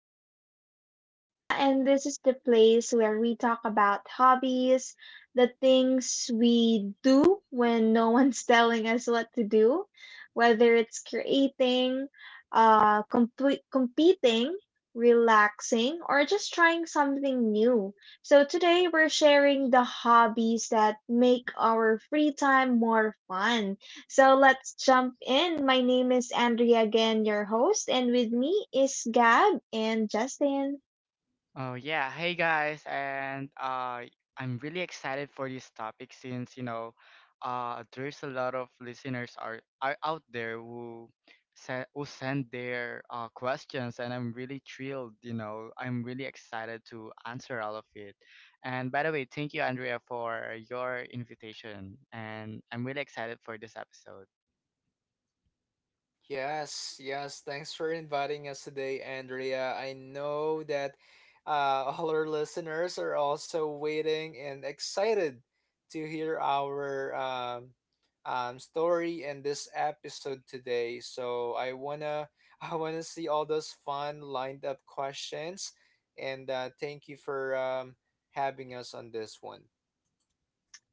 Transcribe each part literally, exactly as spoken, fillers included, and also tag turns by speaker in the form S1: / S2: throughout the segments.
S1: host, Andrea, and this is the place where we talk about hobbies, the things we do when no one's telling us what to do, whether it's creating, uh, complete, competing, relaxing, or just trying something new. So today we're sharing the hobbies that make our free time more fun. So let's jump in. My name is Andrea again, your host, and with me is Gab and Justin.
S2: Oh yeah, hey guys, and uh, I'm really excited for this topic since you know, uh, there's a lot of listeners are are out there who send who send their uh, questions, and I'm really thrilled. You know, I'm really excited to answer all of it. And by the way, thank you, Andrea, for your invitation, and I'm really excited for this episode.
S3: Yes, yes. Thanks for inviting us today, Andrea. I know that uh, all our listeners are also waiting and excited to hear our um, um, story and this episode today. So I wanna, I wanna see all those fun lined up questions, and uh, thank you for um, having us on this one.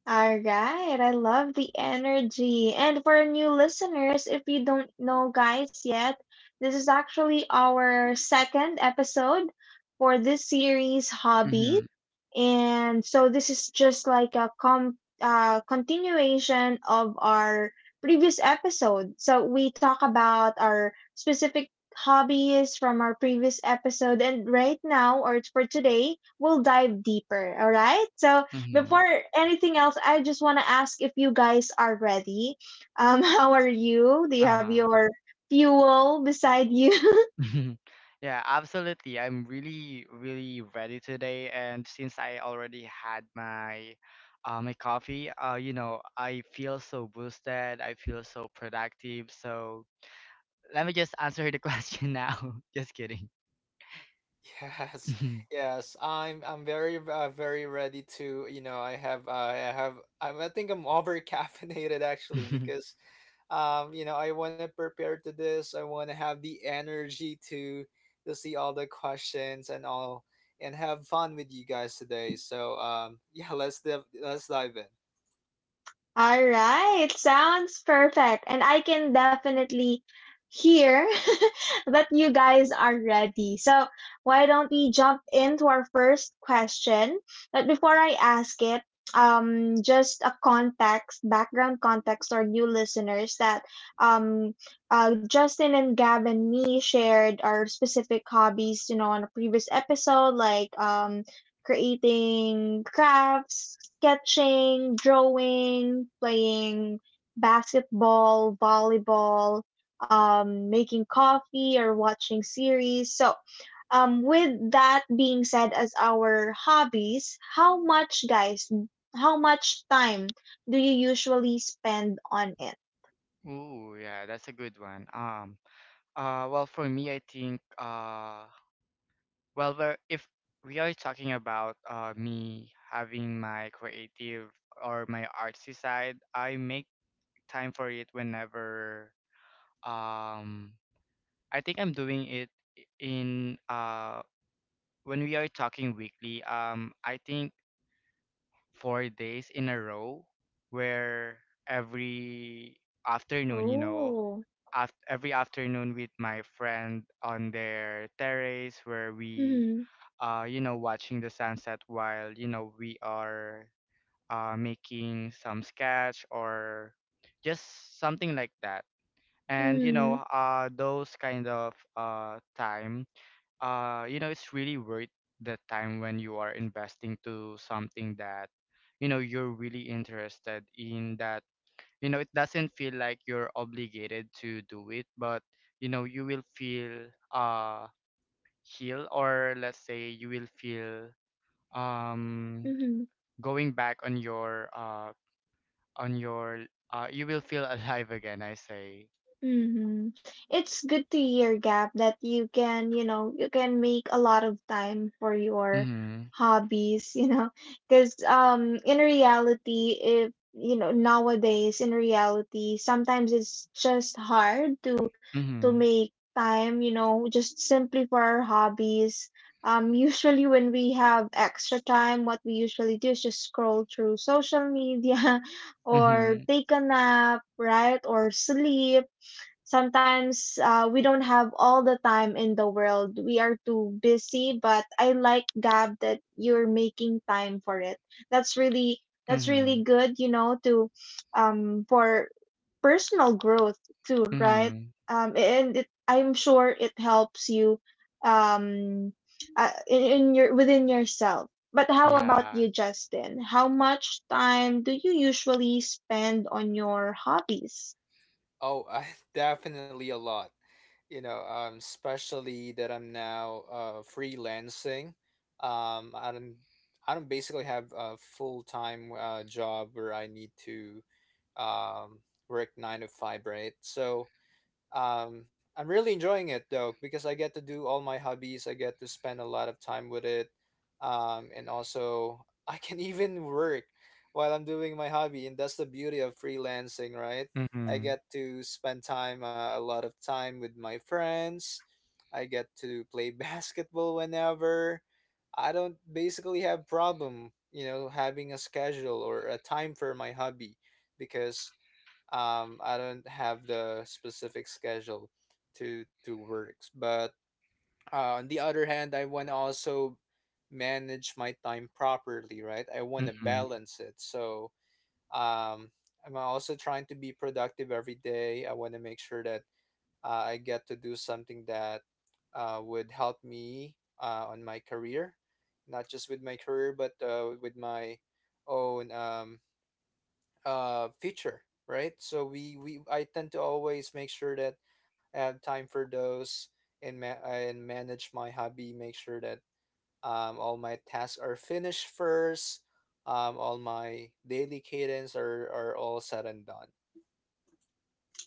S1: All right, I love the energy. And for new listeners, if you don't know guys yet, this is actually our second episode for this series, Hobbies.
S2: Mm-hmm.
S1: And so this is just like a com uh, continuation of our previous episode. So we talk about our specific hobbies from our previous episode, and right now or for today, we'll dive deeper. All right. So
S2: Mm-hmm.
S1: before anything else, I just want to ask if you guys are ready. Um, how are you? Do you have
S2: Uh-huh.
S1: your fuel beside you?
S2: Yeah, absolutely. I'm really, really ready today, and since I already had my uh, my coffee, uh, you know, I feel so boosted. I feel so productive. So let me just answer the question now. Just kidding.
S3: Yes, yes, I'm I'm very uh, very ready to you know I have uh, I have I'm, I think I'm over caffeinated actually because um you know I want to prepare to this. I want to have the energy to to see all the questions and all and have fun with you guys today, so um yeah, let's dive let's dive in.
S1: All right, sounds perfect. And I can definitely hear that you guys are ready. So, why don't we jump into our first question? But before I ask it, um, just a context, background context, or new listeners that um, uh, Justin and Gab and me shared our specific hobbies, you know, on a previous episode, like um, creating crafts, sketching, drawing, playing basketball, volleyball, um, making coffee, or watching series. So, um, with that being said, as our hobbies, how much, guys, how much time do you usually spend on it?
S2: Ooh, yeah, that's a good one. Um, uh, well, for me, I think, uh, well, we're, if we are talking about uh, me having my creative or my artsy side, I make time for it whenever um I think I'm doing it in uh when we are talking weekly, um I think four days in a row, where every afternoon, you know,
S1: Oh.
S2: af- every afternoon with my friend on their terrace, where we,
S1: Mm-hmm.
S2: uh you know, watching the sunset while, you know, we are uh making some sketch or just something like that. And you know, uh those kind of uh time, uh you know, it's really worth the time when you are investing to something that, you know, you're really interested in, that, you know, it doesn't feel like you're obligated to do it. But you know, you will feel uh healed, or let's say you will feel, um
S1: Mm-hmm.
S2: going back on your uh on your uh you will feel alive again, I say.
S1: Hmm. It's good to hear, Gab, that you can, you know, you can make a lot of time for your
S2: Mhm.
S1: hobbies, you know, because um, in reality, if you know nowadays, in reality, sometimes it's just hard to to
S2: Mhm.
S1: make time, you know, just simply for our hobbies. Um, usually when we have extra time, what we usually do is just scroll through social media or
S2: Mhm.
S1: take a nap, right? Or sleep sometimes uh, we don't have all the time in the world. We are too busy, but I like Gab that you're making time for it. That's really that's really
S2: Mhm,
S1: good, you know, to um for personal growth too, right?
S2: mhm,
S1: Um, and it, I'm sure it helps you um uh, in, in your within yourself. But how about
S2: yeah,
S1: you, Justin? How much time do you usually spend on your hobbies?
S3: Oh, I definitely a lot. You know, um, especially that I'm now uh, freelancing. Um, I don't, I don't basically have a full time uh, job where I need to um, work nine to five, right? So um, I'm really enjoying it though because I get to do all my hobbies. I get to spend a lot of time with it. Um, and also I can even work while I'm doing my hobby, and that's the beauty of freelancing, right? I
S2: mhm,
S3: get to spend time uh, a lot of time with my friends. I get to play basketball whenever. I don't basically have problem, you know, having a schedule or a time for my hobby because um I don't have the specific schedule to to work, but uh, on the other hand, I want to also manage my time properly, right? I want to
S2: mhm,
S3: balance it. So um I'm also trying to be productive every day. I want to make sure that uh, I get to do something that uh, would help me uh, on my career, not just with my career, but uh, with my own um, uh feature, right? So we we I tend to always make sure that I have time for those and ma- and manage my hobby, make sure that um all my tasks are finished first, um all my daily cadence are are all said and done.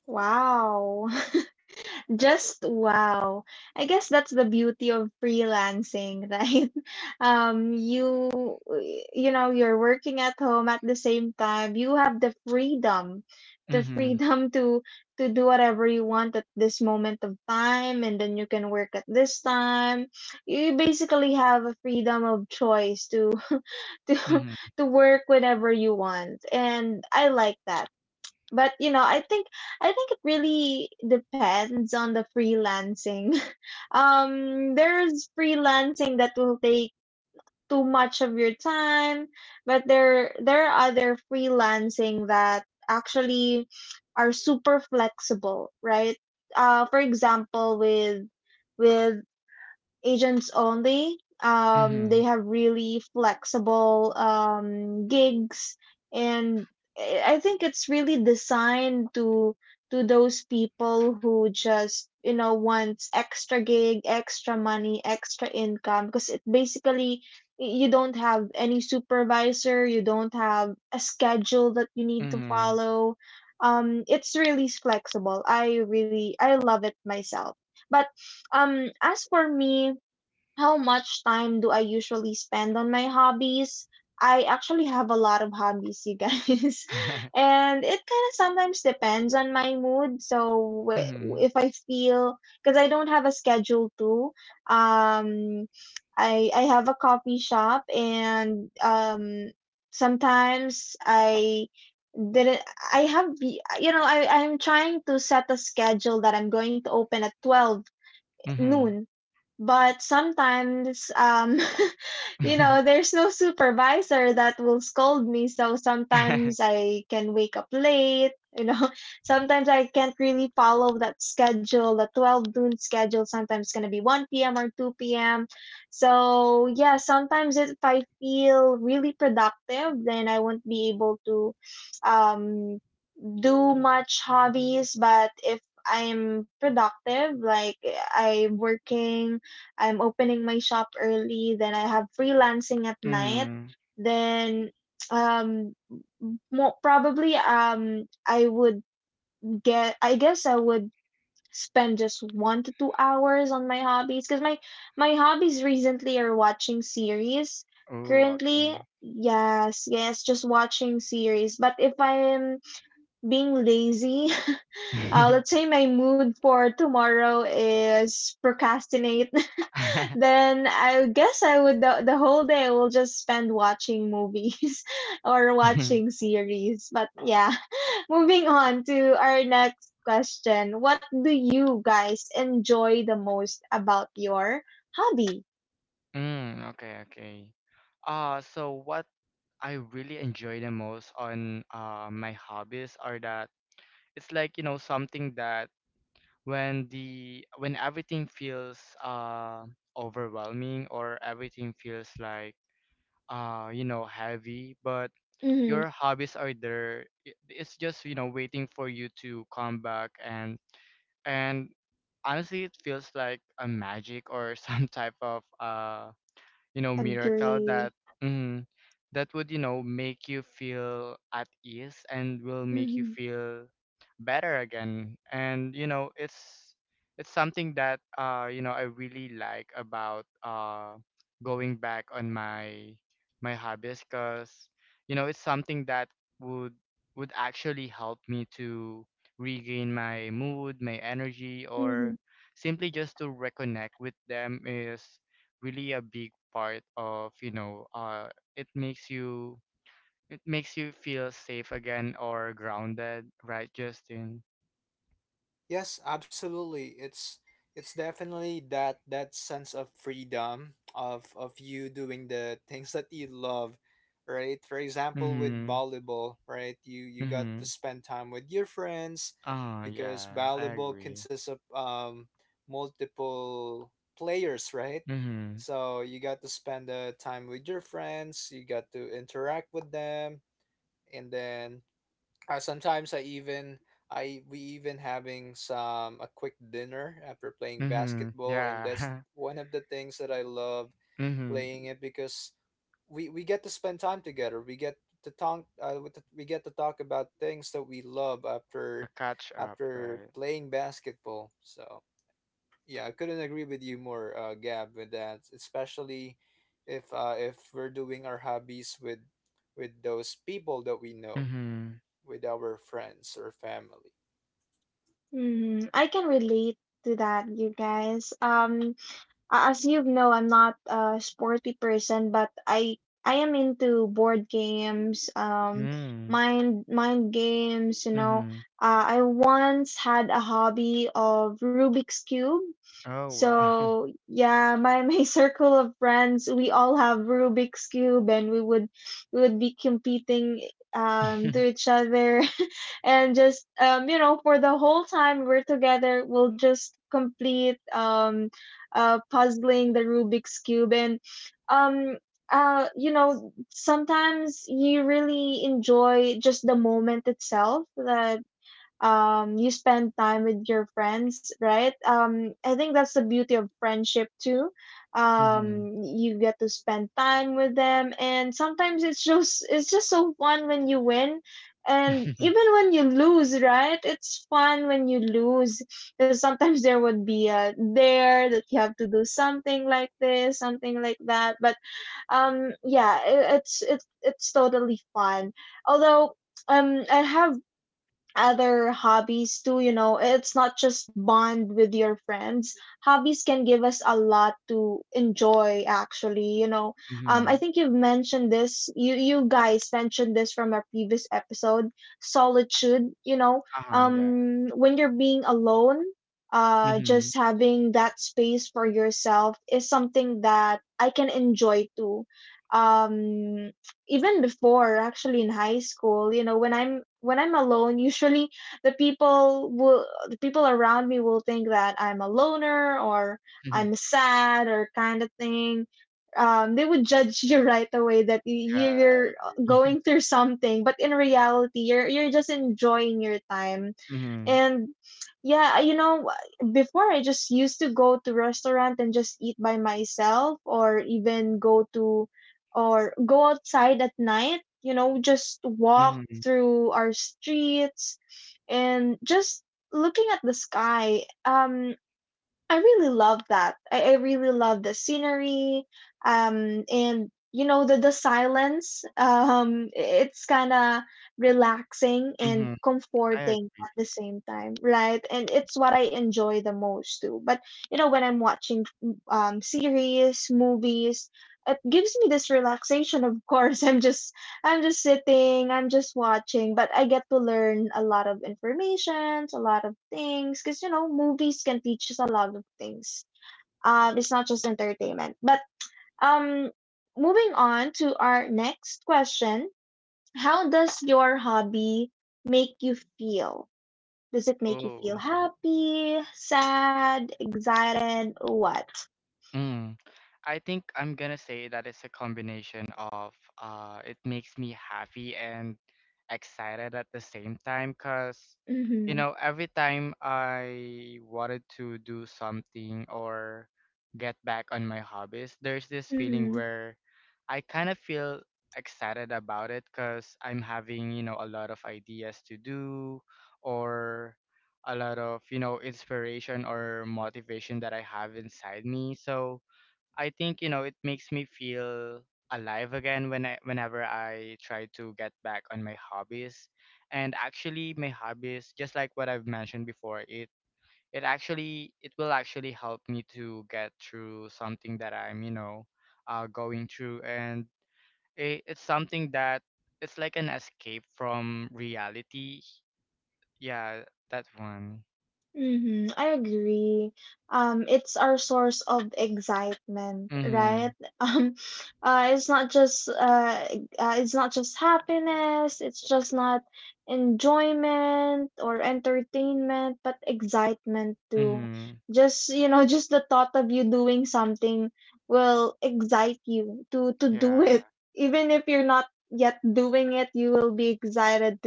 S1: Wow. Just wow. I guess that's the beauty of freelancing, right? Um, you you know, you're working at home at the same time. You have the freedom, the
S2: mhm,
S1: freedom to to do whatever you want at this moment of time, and then you can work at this time. You basically have a freedom of choice to to
S2: mhm,
S1: to work whenever you want, and I like that, but you know I think i think it really depends on the freelancing. Um there's freelancing that will take too much of your time, but there there are other freelancing that actually are super flexible, right? Uh for example, with with agents only. Um, they
S2: mhm,
S1: have really flexible um, gigs, and I I think it's really designed to to those people who just, you know, wants extra gig, extra money, extra income, because it basically, y- you don't have any supervisor, you don't have a schedule that you need to
S2: mhm.
S1: follow. Um, it's really flexible. I really I love it myself. But um, as for me, how much time do I usually spend on my hobbies? I actually have a lot of hobbies, you guys. And it kind of sometimes depends on my mood. So w-
S2: Mhm,
S1: if I feel, because I don't have a schedule too. Um I I have a coffee shop, and um sometimes I didn't I have, you know, I I'm trying to set a schedule that I'm going to open at twelve
S2: mhm.
S1: noon, but sometimes um you
S2: Mhm.
S1: know, there's no supervisor that will scold me, so sometimes I can wake up late, you know. Sometimes I can't really follow that schedule, the twelve noon schedule. Sometimes it's going to be one p m p.m or two p m p.m. So yeah, sometimes if I feel really productive, then I won't be able to um do much hobbies. But if I'm productive, like I'm working, I'm opening my shop early, then I have freelancing at night, then um mo probably um I would get I guess I would spend just one to two hours on my hobbies, because my my hobbies recently are watching series
S2: Oh,
S1: currently.
S2: okay.
S1: Yes, yes, just watching series. But if I'm being lazy, uh, let's say my mood for tomorrow is procrastinate, then I guess I would the, the whole day I will just spend watching movies or watching series. But yeah, moving on to our next question. What do you guys enjoy the most about your hobby?
S2: Mm, okay, okay. Uh, so what I really enjoy the most on uh my hobbies are that it's like, you know, something that when the when everything feels uh overwhelming, or everything feels like, uh you know, heavy, but
S1: Mm-hmm.
S2: your hobbies are there. I- it's just, you know, waiting for you to come back. And and honestly, it feels like a magic or some type of, uh you know, miracle that,
S1: Agree.
S2: mm, that would, you know, make you feel at ease and will make you
S1: Mm-hmm.
S2: feel better again. And you know, it's it's something that, uh you know, I really like about uh going back on my my hobbies, because, you know, it's something that would would actually help me to regain my mood, my energy,
S1: Mm-hmm.
S2: or simply just to reconnect with them, is really a big part of, you know, uh it makes you, it makes you feel safe again, or grounded, right, Justin?
S3: Yes, absolutely. It's it's definitely that that sense of freedom of of you doing the things that you love, right? For example, with
S2: Mhm.
S3: volleyball, right? You you got to
S2: Mhm.
S3: spend time with your friends
S2: Ah
S3: because
S2: yeah, I
S3: volleyball
S2: agree.
S3: consists of um multiple players, right?
S2: Mhm.
S3: So you got to spend the time with your friends, you got to interact with them, and then uh, sometimes I even I we even having some a quick dinner after playing
S2: Mhm.
S3: basketball, and that's
S2: Yeah.
S3: one of the things that I love
S2: Mhm.
S3: playing it because we we get to spend time together. We get to talk. Uh, with the- we get to talk about things that we love
S2: A
S3: after
S2: catch up,
S3: after
S2: right.
S3: playing basketball. So yeah, I couldn't agree with you more, uh, Gab, with that. Especially if uh, if we're doing our hobbies with with those people that we know,
S2: Mhm.
S3: with our friends or family.
S1: Mm-hmm. I can relate to that, you guys. Um, A- As you know, I'm not a sporty person, but I I am into board games, um,
S2: Mm.
S1: mind mind games. You know,
S2: Mhm.
S1: uh, I once had a hobby of Rubik's cube.
S2: Oh wow.
S1: So yeah, my my circle of friends, we all have Rubik's cube, and we would we would be competing um to each other, and just um you know, for the whole time we're together, we'll just complete um uh puzzling the Rubik's cube. And um uh you know, sometimes you really enjoy just the moment itself, that um you spend time with your friends, right? um I think that's the beauty of friendship too.
S2: Mhm.
S1: Um you get to spend time with them, and sometimes it's just it's just so fun when you win, and even when you lose, right? It's fun when you lose, because sometimes there would be a there that you have to do something like this, something like that, but um yeah, it, it's it's it's totally fun. Although um I have other hobbies too, you know. It's not just bond with your friends, hobbies can give us a lot to enjoy actually, you know. um I
S2: Mhm.
S1: think you've mentioned this, you you guys mentioned this from our previous episode, solitude, you know.
S2: Ah, yeah.
S1: Um when you're being alone, uh
S2: Mhm.
S1: just having that space for yourself is something that I can enjoy too. um Even before, actually in high school, you know, when I'm when I'm alone, usually the people will the people around me will think that I'm a loner or I'm
S2: Mhm.
S1: sad or kind of thing. um, they would judge you right away that, y-
S2: yeah
S1: you're
S2: I-
S1: going through something, but in reality you're you're just enjoying your time.
S2: mhm.
S1: And yeah, you know, before I just used to go to restaurant and just eat by myself, or even go to, or go outside at night, you know, just walk
S2: Mhm.
S1: through our streets, and just looking at the sky. Um I really love that. I, I really love the scenery, um, and you know, the the silence. Um, it's kind of relaxing and
S2: Mhm. I
S1: comforting
S2: agree.
S1: at the same time, right? And it's what I enjoy the most too. But you know, when I'm watching um series, movies, it gives me this relaxation. Of course, I'm just I'm just sitting, I'm just watching, but I get to learn a lot of informations, a lot of things, because you know, movies can teach us a lot of things. Um, it's not just entertainment. But um, moving on to our next question, how does your hobby make you feel? Does it make you
S2: Oh.
S1: feel happy, sad, excited, or what?
S2: Mm. I think I'm gonna say that it's a combination of, uh it makes me happy and excited at the same time, cuz you
S1: Mm-hmm.
S2: know, every time I wanted to do something or get back on my hobbies, there's this feeling
S1: Mm-hmm.
S2: where I kind of feel excited about it, cuz I'm having, you know, a lot of ideas to do, or a lot of, you know, inspiration or motivation that I have inside me. So I think, you know, it makes me feel alive again when I, whenever I try to get back on my hobbies. And actually my hobbies, just like what I've mentioned before, it it actually, it will actually help me to get through something that I'm, you know, uh going through, and it, it's something that, it's like an escape from reality. Yeah, that one.
S1: hmm I agree. Um, it's our source of excitement, right?
S2: Mhm.
S1: Um, uh, it's not just uh, uh, it's not just happiness. It's just not enjoyment or entertainment, but excitement too.
S2: Mhm.
S1: Just you know, just the thought of you doing something will excite you to to do
S2: Yeah.
S1: it. Even if you're not yet doing it, you will be excited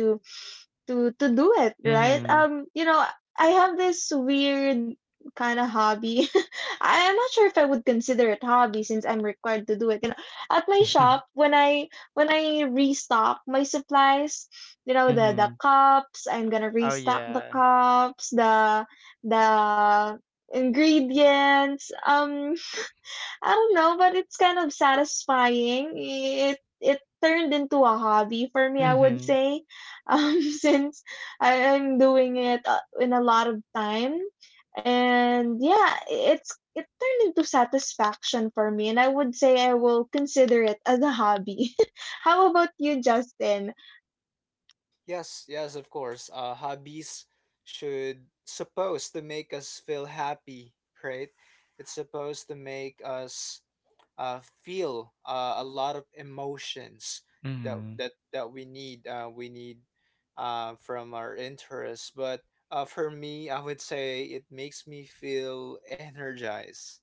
S1: to to do it, right?
S2: Mhm.
S1: Um, you know, I have this weird kind of hobby. I am not sure if I would consider it hobby, since I'm required to do it. You know, at my shop, when I when I restock my supplies, you know, the the
S2: Mhm.
S1: cups, I'm gonna
S2: Oh
S1: restock the
S2: yeah.
S1: cups, the the ingredients. Um I don't know, but it's kind of satisfying. It it turned into a hobby for me, I would
S2: Mhm.
S1: say, um, since I, I'm doing it uh, in a lot of time, and yeah, it's it turned into satisfaction for me, and I would say I will consider it as a hobby. How about you, Justin?
S3: Yes, yes, of course. Uh, hobbies should supposed to make us feel happy, right? It's supposed to make us uh, feel uh, a lot of emotions that
S2: Mhm.
S3: that that we need. Uh, we need uh, from our interests, but uh, for me, I would say it makes me feel energized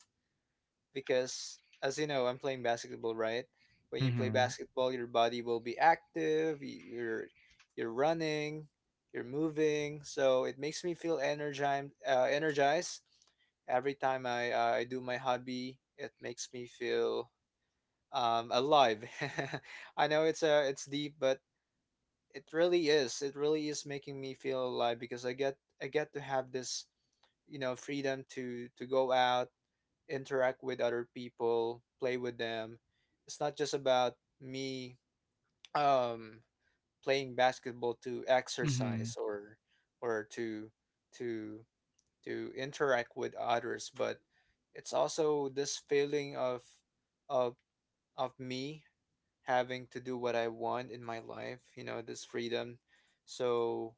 S3: because as you know I'm playing basketball, right? When you play
S2: Mhm.
S3: basketball, your body will be active. y- you're you're running, you're moving, so it makes me feel energized uh, energized every time i uh, I do my hobby. It makes me feel um alive. I know it's uh it's deep, but it really is it really is making me feel alive because i get I get to have this, you know, freedom to to go out, interact with other people, play with them. It's not just about me um, playing basketball to
S2: Mhm.
S3: exercise or or to to to interact with others, but it's also this feeling of of of me having to do what I want in my life. You know, this freedom. So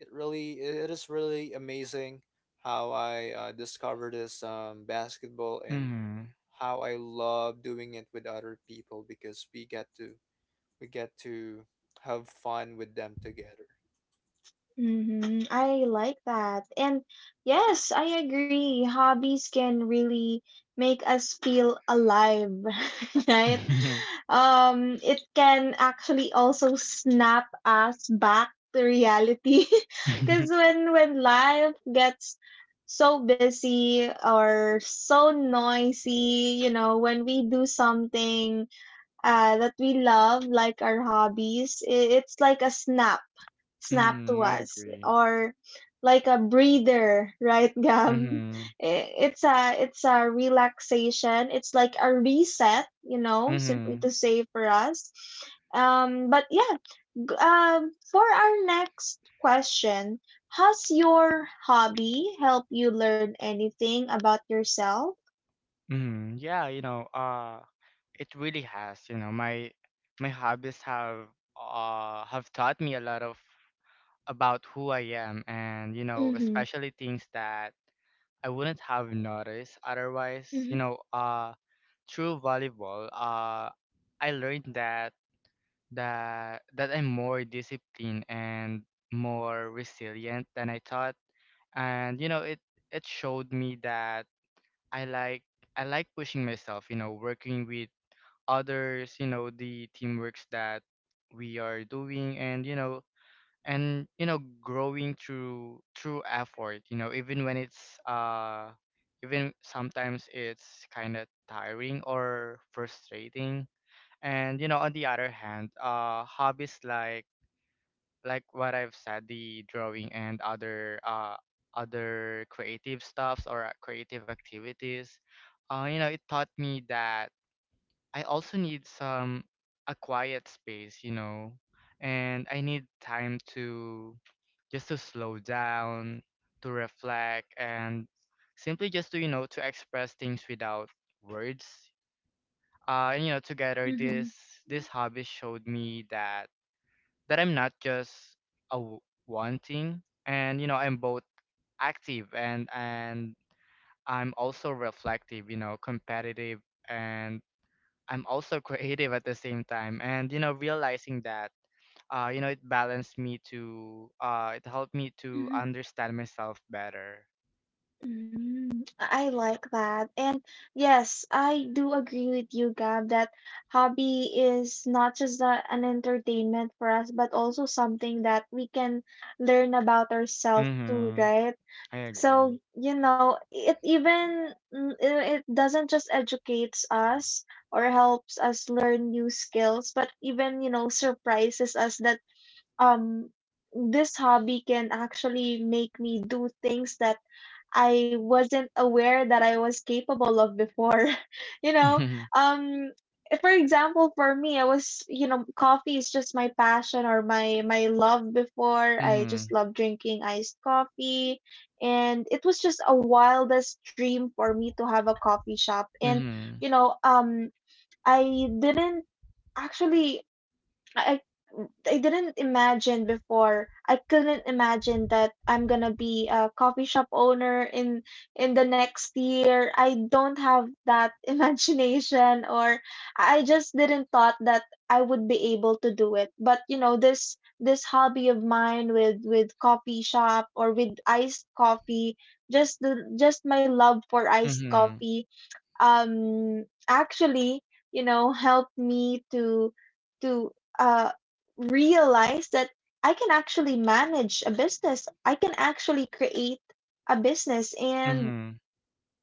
S3: it really it is really amazing how I uh, discovered this um, basketball and
S2: Mhm.
S3: how I love doing it with other people because we get to we get to have fun with them together.
S1: hmm I like that. And yes, I agree. Hobbies can really make us feel alive, right? Um, it can actually also snap us back to reality. Because when when life gets so busy or so noisy, you know, when we do something uh, that we love, like our hobbies, i- it's like a snap snap to
S2: Mhm. I
S1: us,
S2: agree.
S1: or like a breather, right? Gab,
S2: Mhm.
S1: I- it's a it's a relaxation, it's like a reset, you know, simply
S2: Mhm.
S1: to say for us. Um but yeah. G- um for our next question, has your hobby helped you learn anything about yourself?
S2: Mhm. Yeah, you know, uh it really has, you know, my my hobbies have uh have taught me a lot of about who I am, and you know,
S1: Mm-hmm.
S2: especially things that I wouldn't have noticed otherwise. You
S1: Mm-hmm.
S2: know, uh through volleyball, uh I learned that that that I'm more disciplined and more resilient than I thought. And you know, it it showed me that I like I like pushing myself, you know, working with others, you know, the teamworks that we are doing, and you know, and you know, growing through, through effort, you know, even when it's, uh even sometimes, it's kind of tiring or frustrating. And you know, on the other hand, uh hobbies like like what I've said, the drawing and other uh other creative stuffs, or uh, creative activities. Uh, you know, it taught me that I also need some, a quiet space, you know, and I need time to, just to slow down, to reflect, and simply just to, you know, to express things without words. Uh, and you know, together
S1: Mm-hmm.
S2: this, this hobby showed me that, that I'm not just a w- wanting, and you know, I'm both active, and and I'm also reflective, you know, competitive, and I'm also creative at the same time. And you know, realizing that, uh, you know, it balanced me to, uh, it helped me to understand myself better.
S1: Mm, I like that. And yes, I do agree with you, Gab, that hobby is not just a, an entertainment for us, but also something that we can learn about ourselves too,
S2: Mm-hmm.
S1: right?
S2: I
S1: So,
S2: agree.
S1: you know, it even mm, i- it doesn't just educates us or helps us learn new skills, but even, you know, surprises us that um this hobby can actually make me do things that I wasn't aware that I was capable of before. You know,
S2: Mm-hmm.
S1: um, for example, for me, I was, you know, coffee is just my passion or my my love before. I
S2: Mm-hmm.
S1: just love drinking iced coffee, and it was just a wildest dream for me to have a coffee shop. And you know, um, I didn't actually. I I didn't imagine before. I couldn't imagine that I'm gonna be a coffee shop owner in in the next year. I don't have that imagination, or I just didn't thought that I would be able to do it. But you know, this this hobby of mine with with coffee shop or with iced coffee, just the just my love for iced
S2: Mm-hmm.
S1: coffee um actually, you know, helped me to to uh realize that I can actually manage a business. I can actually create a business,
S2: Mm-hmm.
S1: and
S2: Mm-hmm.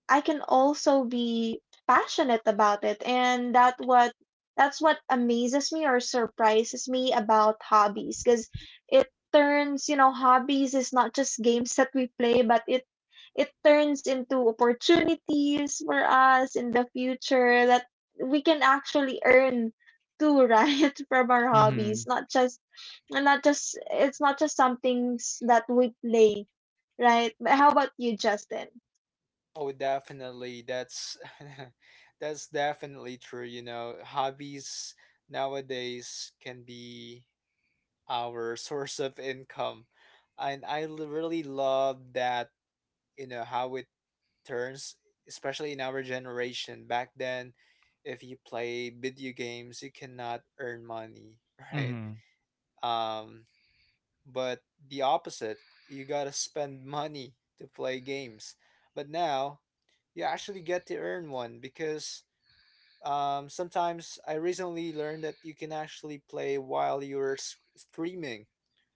S1: I can also be passionate about it. And that what that's what amazes me or surprises me about hobbies, because it turns, you know, hobbies is not just games that we play, but it it turns into opportunities for us in the future that we can actually earn too, right? From our
S2: Mm-hmm.
S1: hobbies, not just and not just it's not just some things that we play, right? But how about you, Justin?
S3: Oh, definitely. That's that's definitely true. You know, hobbies nowadays can be our source of income, and I l- really love that. You know how it turns, especially in our generation. Back then, if you play video games, you cannot earn money, right? Um, but the opposite, you gotta spend money to play games. But now, you actually get to earn one because um, sometimes I recently learned that you can actually play while you're s- streaming.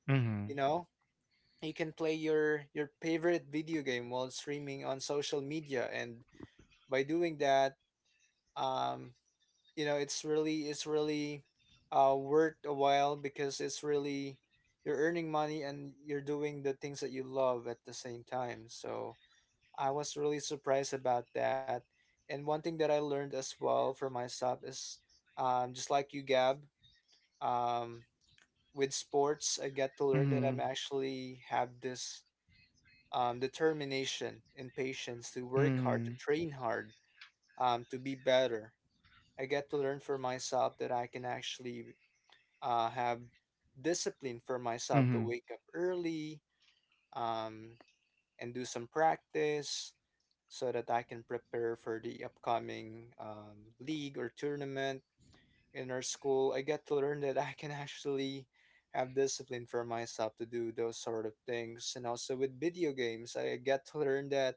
S2: Mm-hmm. Mm-hmm.
S3: You know, you can play your your favorite video game while streaming on social media, and by doing that, um you know it's really it's really uh worth a while because it's really you're earning money and you're doing the things that you love at the same time. So I was really surprised about that. And one thing that I learned as well for myself is um just like you, Gab, um with sports, I get to learn that I'm actually have this um determination and patience to
S2: Mm-hmm.
S3: work hard, to
S2: Mm-hmm.
S3: train hard, um to be better. I get to learn for myself that I can actually uh, have discipline for myself to wake up early, um, and do some practice so that I can prepare for the upcoming um, league or tournament in our school. I get to learn that I can actually have discipline for myself to do those sort of things. And also with video games, I get to learn that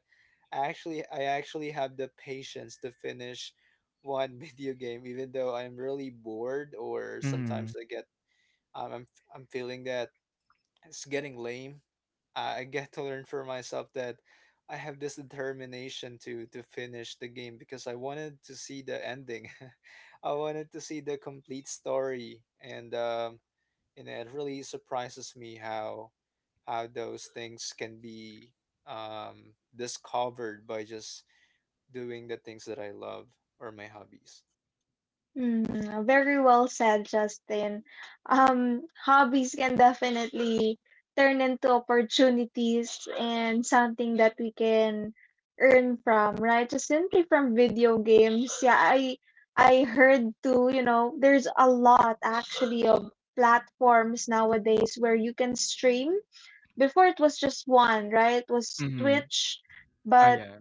S3: I actually I actually have the patience to finish one video game, even though I'm really bored or
S2: Mm-hmm.
S3: sometimes I get um, I'm I'm feeling that it's getting lame. I I get to learn for myself that I have this determination to to finish the game because I wanted to see the ending. I wanted to see the complete story, and um, and it really surprises me how how those things can be um, discovered by just doing the things that I love or my hobbies.
S1: Hmm. Very well said, Justin. Um, hobbies can definitely turn into opportunities and something that we can earn from, right? Just simply from video games. Yeah, I I heard too, you know, there's a lot actually of platforms nowadays where you can stream. Before it was just one, right? It was
S2: Mhm.
S1: Twitch,
S2: Oh
S1: but
S2: yeah.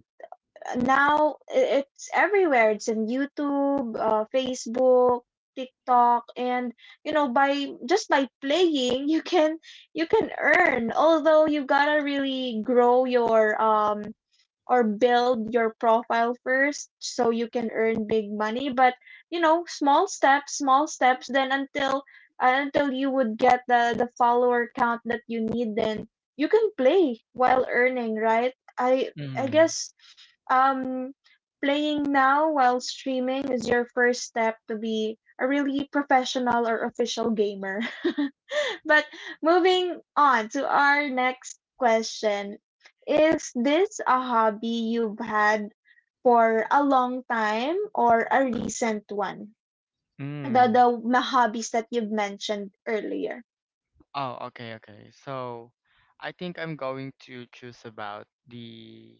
S1: now i- it's everywhere. It's in YouTube, uh, Facebook, TikTok, and you know, by just by playing, you can you can earn. Although you gotta really grow your um or build your profile first so you can earn big money. But you know, small steps small steps then until uh, until you would get the the follower count that you need, then you can play while earning, right? I i
S2: Mhm.
S1: guess um playing now while streaming is your first step to be a really professional or official gamer. But moving on to our next question, is this a hobby you've had for a long time or a recent one? The
S2: Mm.
S1: the ma hobbies that you've mentioned earlier.
S2: Oh, okay, okay. So, I think I'm going to choose about the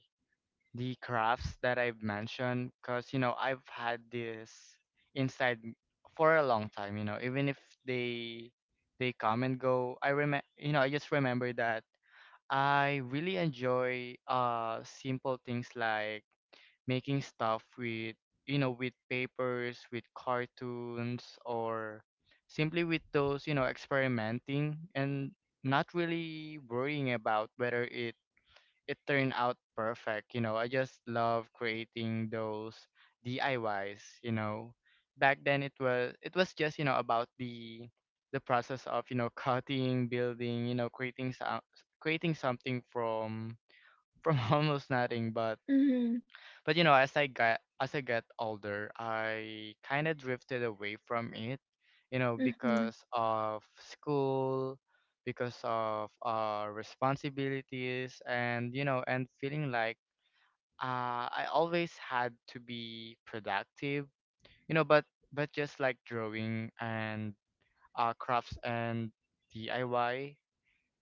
S2: the crafts that I've mentioned, because you know, I've had this inside m- for a long time. You know, even if they they come and go, I remember. You know, I just remember that I really enjoy uh simple things like making stuff with, you know, with papers, with cartoons, or simply with those, you know, experimenting, and not really worrying about whether it, it turned out perfect. You know, I just love creating those DIYs, you know. Back then, it was it was just, you know, about the the process of, you know, cutting, building, you know, creating so- creating something from from almost nothing, but
S1: Mhm,
S2: but you know, as I got, as I got older, I kind of drifted away from it, you know,
S1: mhm,
S2: because of school, because of uh responsibilities, and you know, and feeling like uh I always had to be productive, you know, but but just like drawing and uh crafts and D I Y,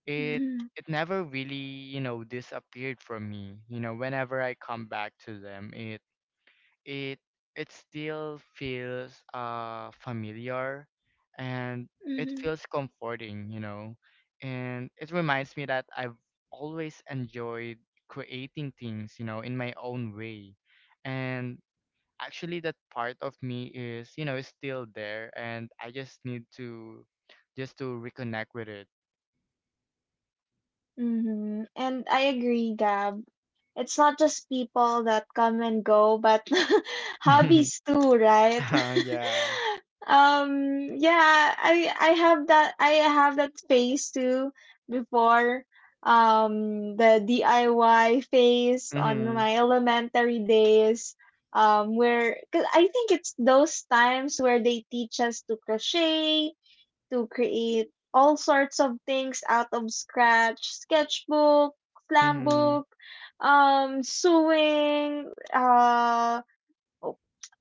S2: it
S1: mhm,
S2: it never really, you know, disappeared from me. You know, whenever I come back to them, it it it still feels uh familiar, and it
S1: mhm,
S2: feels comforting, you know, and it reminds me that I've always enjoyed creating things, you know, in my own way, and actually that part of me is, you know, is still there, and I just need to, just to reconnect with it.
S1: mhm. And I agree, Gab. It's not just people that come and go, but hobbies too, right?
S2: Uh, yeah.
S1: Um, yeah, I I have that I have that phase too before. Um, the D I Y phase on
S2: Mhm.
S1: my elementary days. Um, where, cause I think it's those times where they teach us to crochet, to create all sorts of things out of scratch, sketchbook, slam
S2: Mhm.
S1: book, um sewing, uh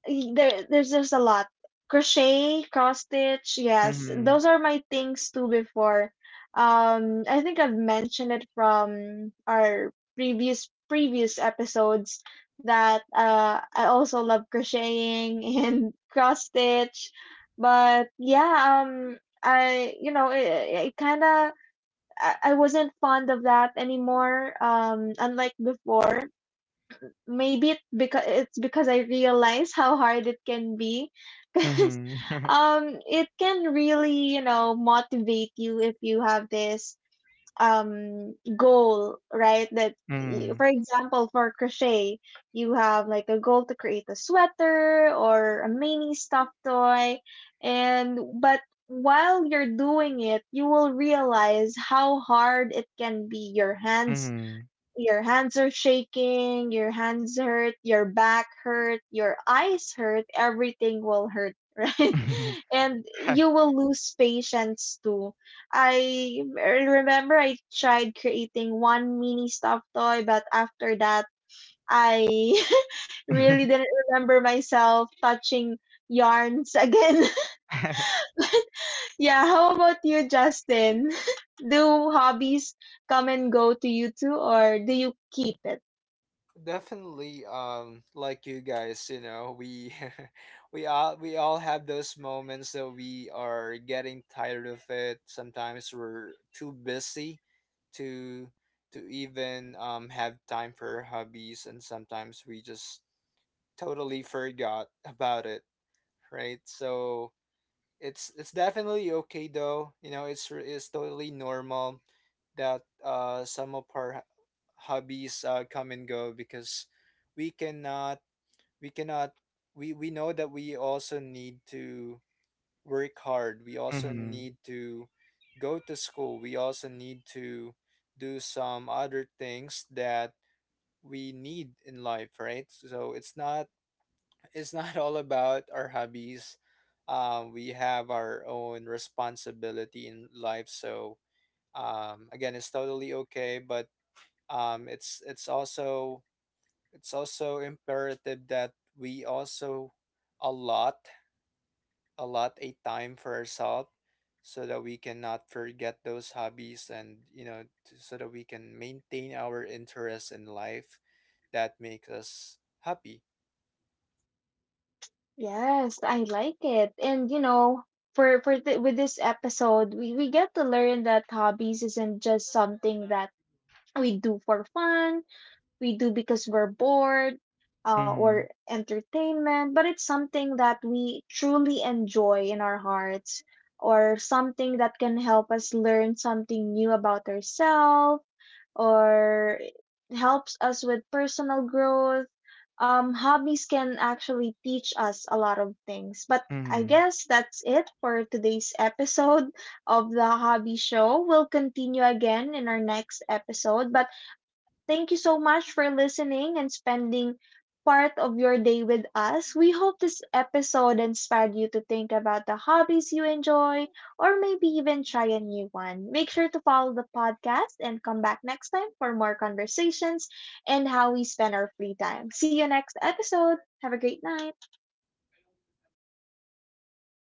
S1: y- there there's just a lot. Crochet, cross stitch, yes.
S2: Mhm.
S1: Those are my things too before. Um, I think I've mentioned it from our previous previous episodes that uh I also love crocheting and cross stitch. But yeah, um I you know, it, it kind of I I wasn't fond of that anymore. Um, unlike before, maybe it because it's because I realize how hard it can be because
S2: Mhm.
S1: um it can really, you know, motivate you if you have this um goal, right? That y-
S2: Mhm.
S1: for example for crochet, you have like a goal to create a sweater or a mini stuffed toy. And but while you're doing it, you will realize how hard it can be. Your hands,
S2: Mhm.
S1: your hands are shaking, your hands hurt, your back hurt, your eyes hurt, everything will hurt, right? And you will lose patience too. I er, remember I tried creating one mini stuffed toy, but after that, I
S2: 嗯哼，
S1: really didn't remember myself touching yarns again. Yeah, how about you, Justin? Do hobbies come and go to you too, or do you keep it?
S3: Definitely, um, like you guys, you know, we we all we all have those moments that we are getting tired of it. Sometimes we're too busy to to even um have time for our hobbies, and sometimes we just totally forgot about it, right? So it's it's definitely okay though. You know, it's re- it's totally normal that uh some of our hobbies uh, come and go because we cannot we cannot we we know that we also need to work hard. We
S2: 嗯
S3: also
S2: 哼，
S3: need to go to school. We also need to do some other things that we need in life, right? So it's not it's not all about our hobbies. Um, we have our own responsibility in life. So um, again, it's totally okay, but um, it's it's also it's also imperative that we also allot allot a time for ourselves so that we cannot forget those hobbies, and you know t- so that we can maintain our interest in life that makes us happy.
S1: Yes, I like it. And you know, for for th with this episode, we we get to learn that hobbies isn't just something that we do for fun, we do because we're bored, uh,
S2: 嗯
S1: or
S2: 哼，
S1: entertainment, but it's something that we truly enjoy in our hearts, or something that can help us learn something new about ourselves, or helps us with personal growth. Um, hobbies can actually teach us a lot of things. But I
S2: 嗯哼。
S1: guess that's it for today's episode of the Hobby Show. We'll continue again in our next episode. But thank you so much for listening and spending part of your day with us. We hope this episode inspired you to think about the hobbies you enjoy, or maybe even try a new one. Make sure to follow the podcast and come back next time for more conversations and how we spend our free time. See you next episode. Have a great night.